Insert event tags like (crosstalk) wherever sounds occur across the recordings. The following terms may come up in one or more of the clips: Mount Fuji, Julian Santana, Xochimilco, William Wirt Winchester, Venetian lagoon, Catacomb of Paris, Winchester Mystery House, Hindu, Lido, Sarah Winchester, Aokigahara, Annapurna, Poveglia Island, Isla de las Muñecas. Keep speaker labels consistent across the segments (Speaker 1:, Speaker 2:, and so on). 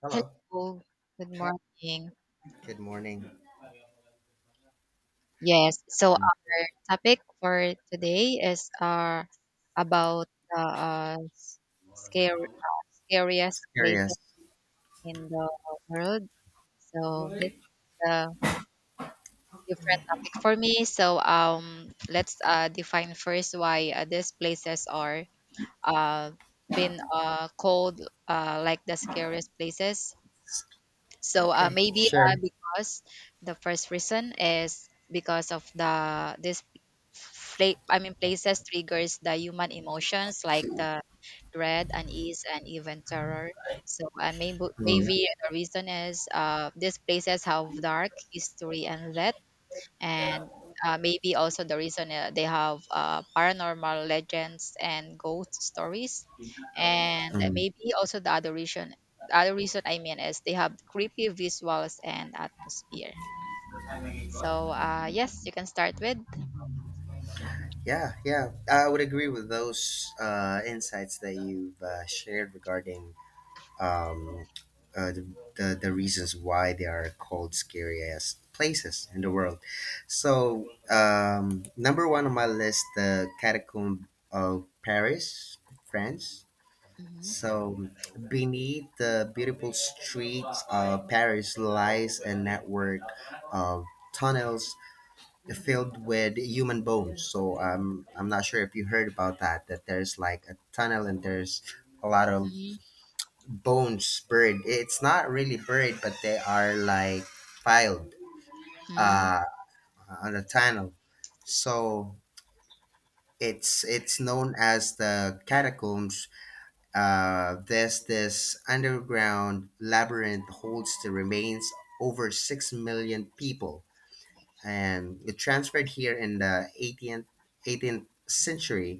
Speaker 1: Hello.
Speaker 2: Hello, good
Speaker 1: Hi.
Speaker 2: morning.
Speaker 1: Good morning.
Speaker 2: Yes, so
Speaker 1: I'm
Speaker 2: our topic for today is about the scary, scariest places
Speaker 1: curious.
Speaker 2: in the world. So this is a different topic for me. So let's define first why these places are uh, been called like the scariest places. So
Speaker 1: Okay.
Speaker 2: maybe
Speaker 1: Sure.
Speaker 2: because the first reason is because of the this fla- I mean places triggers the human emotions like the dread, unease, and even terror. So and maybe
Speaker 1: Mm,
Speaker 2: maybe the reason is these places have dark history and that and maybe also the reason they have paranormal legends and ghost stories, and
Speaker 1: mm.
Speaker 2: maybe also the other reason is they have creepy visuals and atmosphere. So yes, you can start with.
Speaker 1: Yeah, yeah, I would agree with those insights that you've shared regarding um, uh, the, the reasons why they are called scariest places in the world. So number one on my list, the Catacomb of Paris, France.
Speaker 2: Mhm,
Speaker 1: So, beneath the beautiful streets of Paris lies a network of tunnels filled with human bones. So, I'm not sure if you heard about that, that there's like a tunnel and there's a lot of
Speaker 2: mhm,
Speaker 1: bones buried. It's not really buried, but they are like piled
Speaker 2: mhm,
Speaker 1: uh, on a tunnel. So, it's known as the catacombs. This underground labyrinth holds the remains over 6 million people, and it transferred here in the 18th century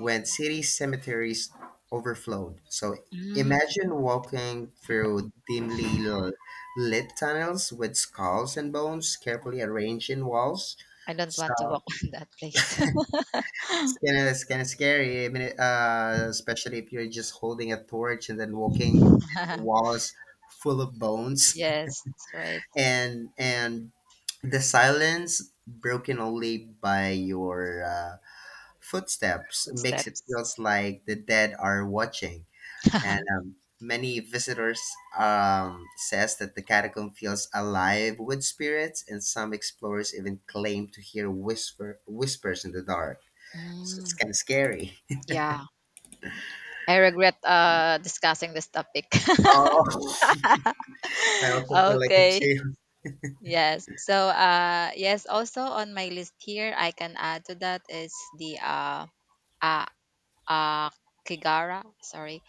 Speaker 1: when city cemeteries overflowed. So
Speaker 2: mhm.
Speaker 1: imagine walking through dimly lit tunnels with skulls and bones carefully arranged in walls.
Speaker 2: I don't want to walk
Speaker 1: So
Speaker 2: (laughs) in that place.
Speaker 1: it's kind of scary. I mean, especially if you're just holding a torch and then walking in the
Speaker 2: (laughs)
Speaker 1: walls full of bones,
Speaker 2: Yes, that's right.
Speaker 1: (laughs) and the silence broken only by your footsteps makes it
Speaker 2: Footsteps.
Speaker 1: feels like the dead are watching. And
Speaker 2: (laughs)
Speaker 1: many visitors says that the catacomb feels alive with spirits, and some explorers even claim to hear whispers in the dark. So it's
Speaker 2: Mm,
Speaker 1: kind of scary.
Speaker 2: yeah, I regret discussing this topic.
Speaker 1: Oh, (laughs) I also feel
Speaker 2: (laughs)
Speaker 1: like a
Speaker 2: Okay.
Speaker 1: chill.
Speaker 2: Yes. So, yes, also on my list here, I can add to that is the uh, uh, Kigara, sorry,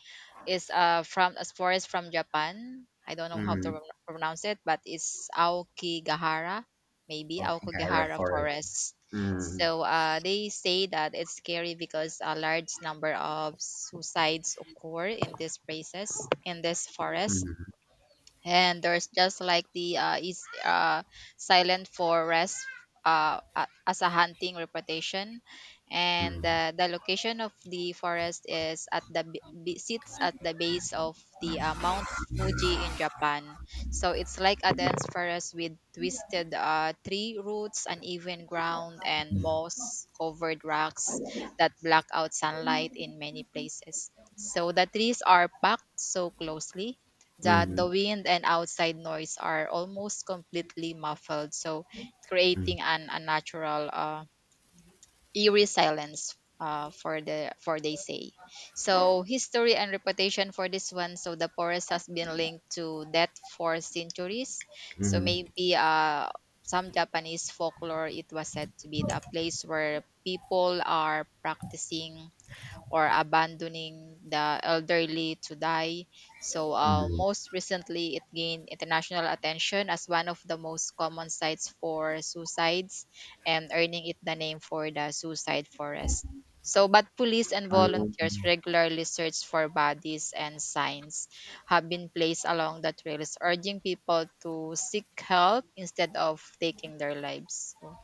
Speaker 2: is from a forest from Japan. I don't know how to
Speaker 1: Mm,
Speaker 2: pronounce it, but it's Aokigahara, maybe
Speaker 1: walking area
Speaker 2: Aokigahara
Speaker 1: forest.
Speaker 2: forest.
Speaker 1: Mm,
Speaker 2: So, they say that it's scary because a large number of suicides occur in these places, in this forest,
Speaker 1: mm,
Speaker 2: and there's just like the is silent forest, as a hunting reputation, and
Speaker 1: mm,
Speaker 2: the location of the forest is at sits at the base of the Mount Fuji in Japan. So it's like a dense forest with twisted tree roots, uneven ground, and
Speaker 1: mm,
Speaker 2: moss covered rocks that block out sunlight in many places. So the trees are packed so closely that the
Speaker 1: mm,
Speaker 2: wind and outside noise are almost completely muffled, so
Speaker 1: mm,
Speaker 2: creating an unnatural, eerie silence. For they say, so history and reputation for this one. So the forest has been linked to death for centuries. So
Speaker 1: mm,
Speaker 2: maybe some Japanese folklore, it was said to be the place where people are practicing or abandoning the elderly to die. So,
Speaker 1: mm.
Speaker 2: most recently, it gained international attention as one of the most common sites for suicides, and earning it the name for the suicide forest. So, but police and
Speaker 1: Um,
Speaker 2: volunteers regularly search for bodies, and signs have been placed along the trails, urging people to seek help instead of taking their lives. So,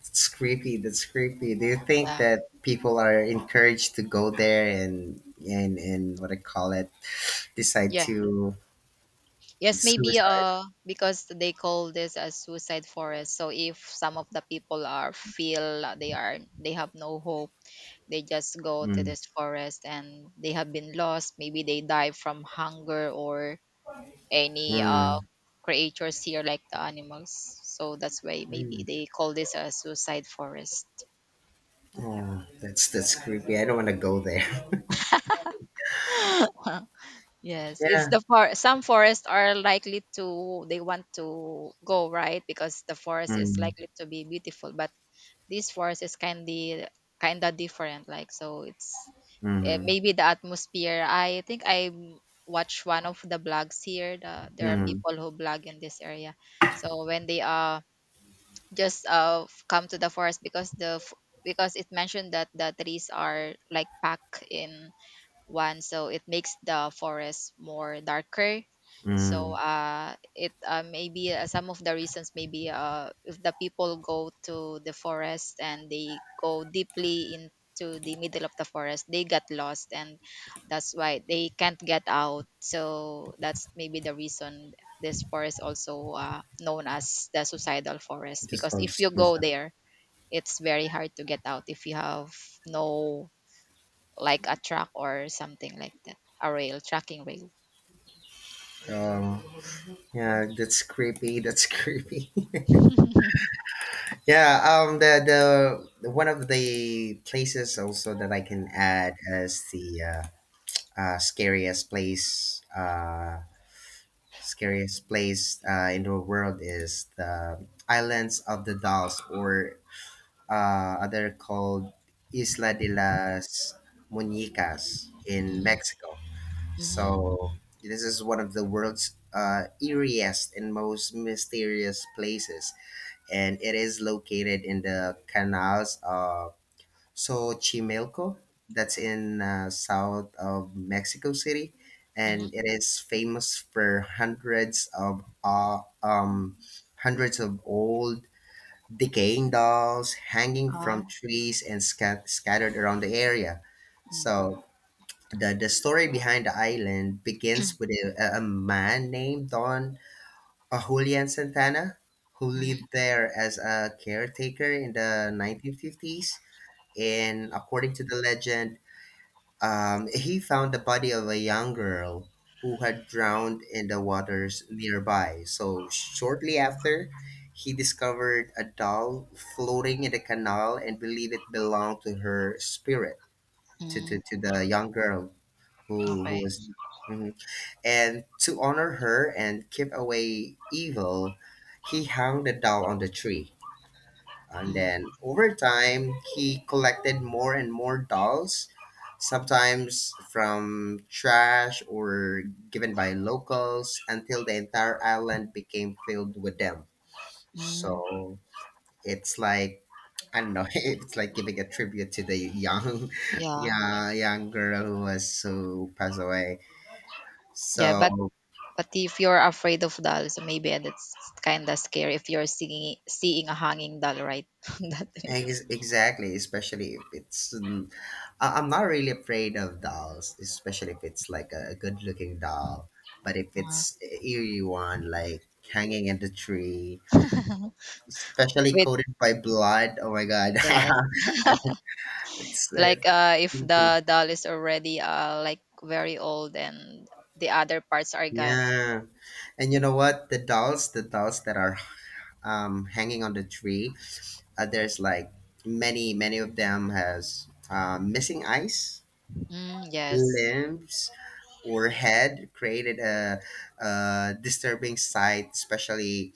Speaker 1: it's creepy. That's creepy. Do you think
Speaker 2: yeah,
Speaker 1: that people are encouraged to go there and and what I call it, decide
Speaker 2: yeah.
Speaker 1: to
Speaker 2: Yes, maybe
Speaker 1: suicide?
Speaker 2: because they call this a suicide forest. So if some of the people are feel they are they have no hope, they just go to
Speaker 1: Mm,
Speaker 2: this forest and they have been lost. Maybe they die from hunger or any
Speaker 1: mm,
Speaker 2: creatures here, like the animals. So that's why maybe
Speaker 1: mm.
Speaker 2: they call this a suicide forest. Yeah.
Speaker 1: Oh, that's creepy. I don't want to go there. (laughs)
Speaker 2: (laughs) Yes, it's
Speaker 1: Yeah.
Speaker 2: the for some forests are likely to they want to go, right? Because the forest is
Speaker 1: Mm,
Speaker 2: likely to be beautiful, but this forest is kinda different like. So it's
Speaker 1: mm,
Speaker 2: maybe the atmosphere. I think I m- Watch one of the blogs here, the, there are
Speaker 1: mm,
Speaker 2: people who blog in this area. So when they come to the forest, because it mentioned that the trees are like packed in one, so it makes the forest more darker. So
Speaker 1: mm.
Speaker 2: it maybe some of the reasons, maybe if the people go to the forest and they go deeply into the middle of the forest, they got lost, and that's why they can't get out. So that's maybe the reason this forest also known as the suicidal forest,
Speaker 1: Just
Speaker 2: because
Speaker 1: sounds
Speaker 2: if you go
Speaker 1: suicide.
Speaker 2: there, it's very hard to get out if you have no like a track or something like that. A rail, tracking rail.
Speaker 1: Um, Yeah, that's creepy. That's creepy.
Speaker 2: (laughs)
Speaker 1: (laughs) The one of the places also that I can add as the uh, scariest place, uh, scariest place in the world is the Islands of the Dolls, or other called Isla de las Muñecas in
Speaker 2: Mm,
Speaker 1: Mexico.
Speaker 2: mhm,
Speaker 1: So this is one of the world's eeriest and most mysterious places and it is located in the canals of Xochimilco, that's in south of Mexico City,
Speaker 2: mhm.
Speaker 1: and it is famous for hundreds of old decaying dolls hanging from
Speaker 2: Ah,
Speaker 1: trees and scattered around the area.
Speaker 2: mm,
Speaker 1: So the story behind the island begins with a man named Don Julian Santana, who
Speaker 2: mhm,
Speaker 1: lived there as a caretaker in the 1950s. And according to the legend, he found the body of a young girl who had drowned in the waters nearby. So, shortly after, he discovered a doll floating in the canal and believed it belonged to her spirit, to, to,
Speaker 2: mm.
Speaker 1: to the young girl who
Speaker 2: Okay.
Speaker 1: was. Mm-hmm. And to honor her and keep away evil, he hung the doll on the tree. And
Speaker 2: Mm,
Speaker 1: then over time, he collected more and more dolls, sometimes from trash or given by locals, until the entire island became filled with them.
Speaker 2: mm.
Speaker 1: So it's like I don't know. (laughs) It's like giving a tribute to the young, (laughs)
Speaker 2: Yeah.
Speaker 1: yeah, young girl who was who passed away.
Speaker 2: Yeah,
Speaker 1: So
Speaker 2: but if you're afraid of doll, so maybe that's kind of scary if you're seeing a hanging doll, right? (laughs) That way.
Speaker 1: exactly, especially if it's. I'm not really afraid of dolls, especially if it's like a good looking doll. But if
Speaker 2: Uh,
Speaker 1: it's eerie one, like hanging in the tree, especially
Speaker 2: with
Speaker 1: coated by blood, oh my god,
Speaker 2: yes,
Speaker 1: (laughs) it's,
Speaker 2: like
Speaker 1: it's
Speaker 2: if
Speaker 1: creepy.
Speaker 2: the doll is already like very old and the other parts are gone. So,
Speaker 1: Yeah, and you know what? The dolls that are hanging on the tree, there's like many, many of them has missing eyes,
Speaker 2: mm, yes.
Speaker 1: limbs, or had created a disturbing sight, especially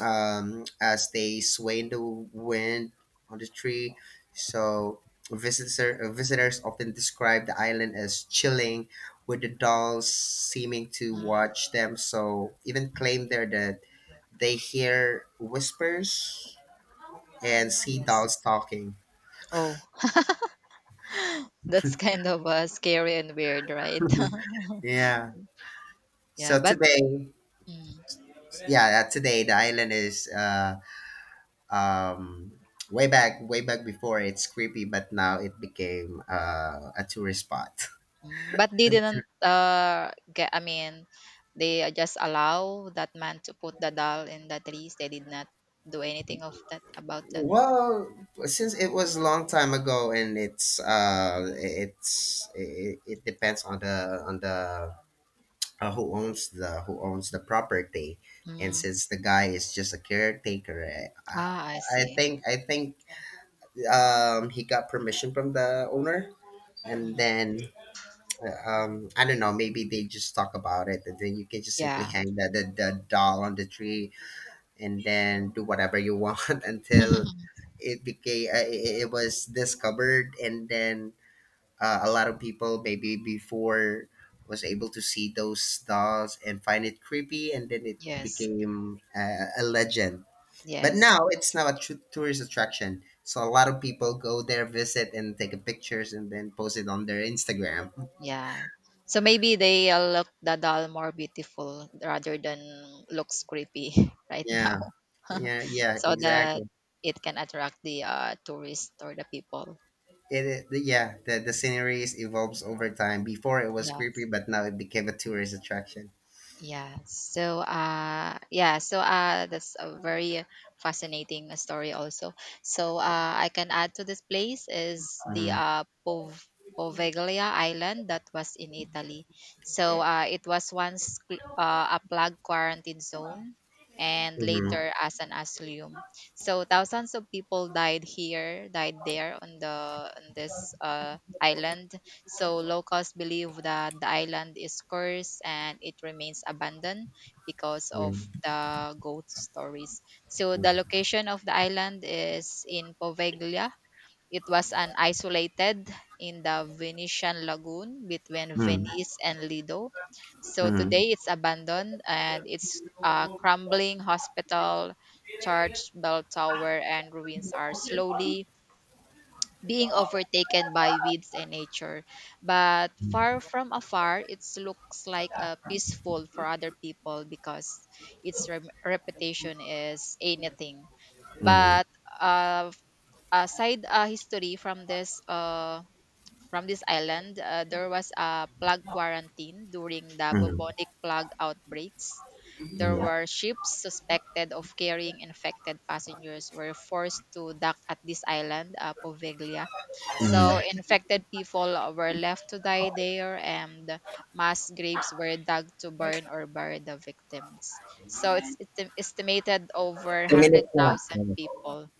Speaker 1: as they sway in the wind on the tree. So visitors often describe the island as chilling, with the dolls seeming to
Speaker 2: Mm,
Speaker 1: watch them. So even claim there that they hear whispers and see
Speaker 2: yes.
Speaker 1: dolls talking.
Speaker 2: Oh, that's kind of scary and weird, right? (laughs)
Speaker 1: (laughs) Yeah.
Speaker 2: Yeah,
Speaker 1: So
Speaker 2: but
Speaker 1: today,
Speaker 2: mm,
Speaker 1: yeah, today the island is um, way back before it's creepy but now it became a tourist spot.
Speaker 2: mm, but they didn't get. I mean, they just allow that man to put the doll in the trees. They did not do anything of that about
Speaker 1: (laughs)
Speaker 2: that.
Speaker 1: Well since it was a long time ago and it depends on the who owns the who owns the property and
Speaker 2: Mm.
Speaker 1: since the guy is just a caretaker,
Speaker 2: Ah, I
Speaker 1: i, I
Speaker 2: see.
Speaker 1: think i think he got permission from the owner and
Speaker 2: Mm.
Speaker 1: then I don't know, maybe they just talk about it and then you can just simply
Speaker 2: Yeah.
Speaker 1: hang the doll on the tree and then do whatever you want, (laughs) until it became it was discovered and then a lot of people maybe before was able to see those dolls and find it creepy and then it
Speaker 2: Yes.
Speaker 1: became a legend but
Speaker 2: Yes.
Speaker 1: now it's now a tourist attraction, so a lot of people go there, visit and take pictures and then post it on their Instagram.
Speaker 2: Yeah. So maybe they look the doll more beautiful rather than looks creepy. (laughs) Right
Speaker 1: Yeah,
Speaker 2: now,
Speaker 1: yeah,
Speaker 2: (laughs)
Speaker 1: yeah,
Speaker 2: so
Speaker 1: exactly.
Speaker 2: that it can attract the tourists or the people.
Speaker 1: Yeah, the sceneries evolves over time. Before it was
Speaker 2: Yeah.
Speaker 1: creepy, but now it became a tourist attraction.
Speaker 2: Yeah. So, yeah. So, that's a very fascinating story also. So, I can add to this place is the
Speaker 1: Mm-hmm.
Speaker 2: Poveglia Island that was in Italy. So, it was once a plague quarantine zone and
Speaker 1: Mm-hmm.
Speaker 2: later as an asylum. So, thousands of people died here, died there on the on this island. So locals believe that the island is cursed and it remains abandoned because of the ghost stories. So the location of the island is in Poveglia. It was an isolated in the Venetian lagoon between
Speaker 1: Mm-hmm.
Speaker 2: Venice and Lido. So
Speaker 1: Mm-hmm.
Speaker 2: today it's abandoned, and it's a crumbling hospital, church, bell tower, and ruins are slowly being overtaken by weeds and nature. But far from afar, it looks like peaceful for other people, because its rem reputation is anything.
Speaker 1: Mm-hmm.
Speaker 2: But uh, aside history from this island, there was a plague quarantine during the bubonic plague outbreaks. There
Speaker 1: Mm-hmm.
Speaker 2: were ships suspected of carrying infected passengers were forced to dock at this island, Poveglia. So infected people were left to die there, and mass graves were dug to burn or bury the victims. So it's estimated over one
Speaker 1: Two
Speaker 2: hundred
Speaker 1: minutes na lang.
Speaker 2: thousand people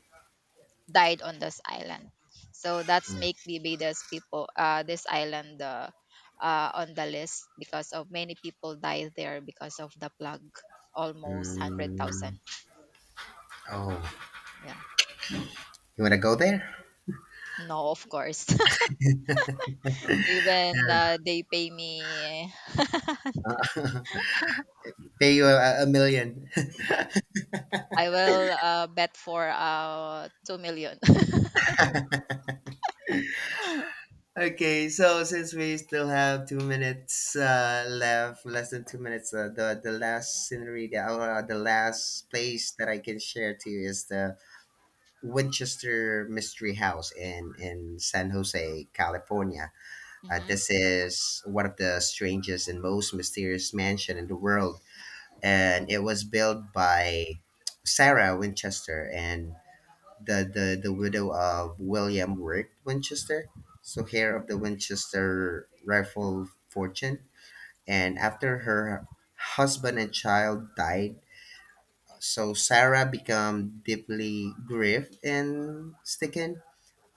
Speaker 2: died on this island. So that's make Barbados people this island on the list because of many people died there because of the plague. Almost hundred
Speaker 1: Mm.
Speaker 2: thousand.
Speaker 1: Oh,
Speaker 2: Yeah.
Speaker 1: you wanna go there?
Speaker 2: No, of course. (laughs) Even they pay me,
Speaker 1: (laughs) Pay you a million.
Speaker 2: I will bet for 2 million. (laughs)
Speaker 1: Okay, so since we still have 2 minutes left, less than 2 minutes, the last scenery, the last place that I can share to you is the Winchester Mystery House in San Jose, California.
Speaker 2: Mhm,
Speaker 1: This is one of the strangest and most mysterious mansion in the world, and it was built by Sarah Winchester and the, the widow of William Wirt Winchester, so heir of the Winchester rifle fortune. And after her husband and child died, so Sarah became deeply grieved and stricken.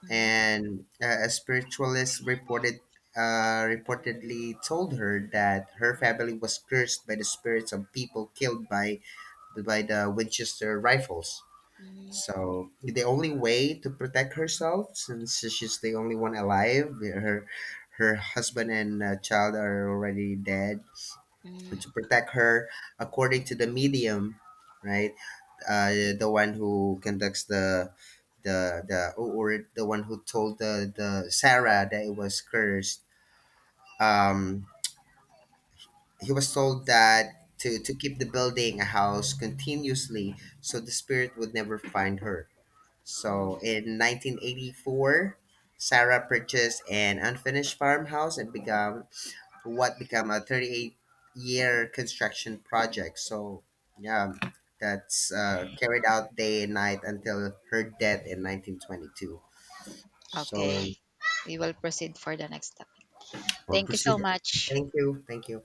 Speaker 2: mhm,
Speaker 1: And a spiritualist reportedly told her that her family was cursed by the spirits of people killed by the Winchester rifles.
Speaker 2: mhm,
Speaker 1: So the only way to protect herself, since she's the only one alive, her husband and child are already dead. And
Speaker 2: mhm,
Speaker 1: to protect her, according to the medium, right, the one who conducts the one who told the Sarah that it was cursed. Um, he was told that to keep the building a house continuously so the spirit would never find her. So
Speaker 2: mhm.
Speaker 1: in 1984, Sarah purchased an unfinished farmhouse and began what became a 38-year construction project. So yeah, that's carried out day and night until her death in 1922. So
Speaker 2: Okay. We will proceed for the next topic.
Speaker 1: we
Speaker 2: Thank you
Speaker 1: proceed.
Speaker 2: so much.
Speaker 1: Thank you. Thank you.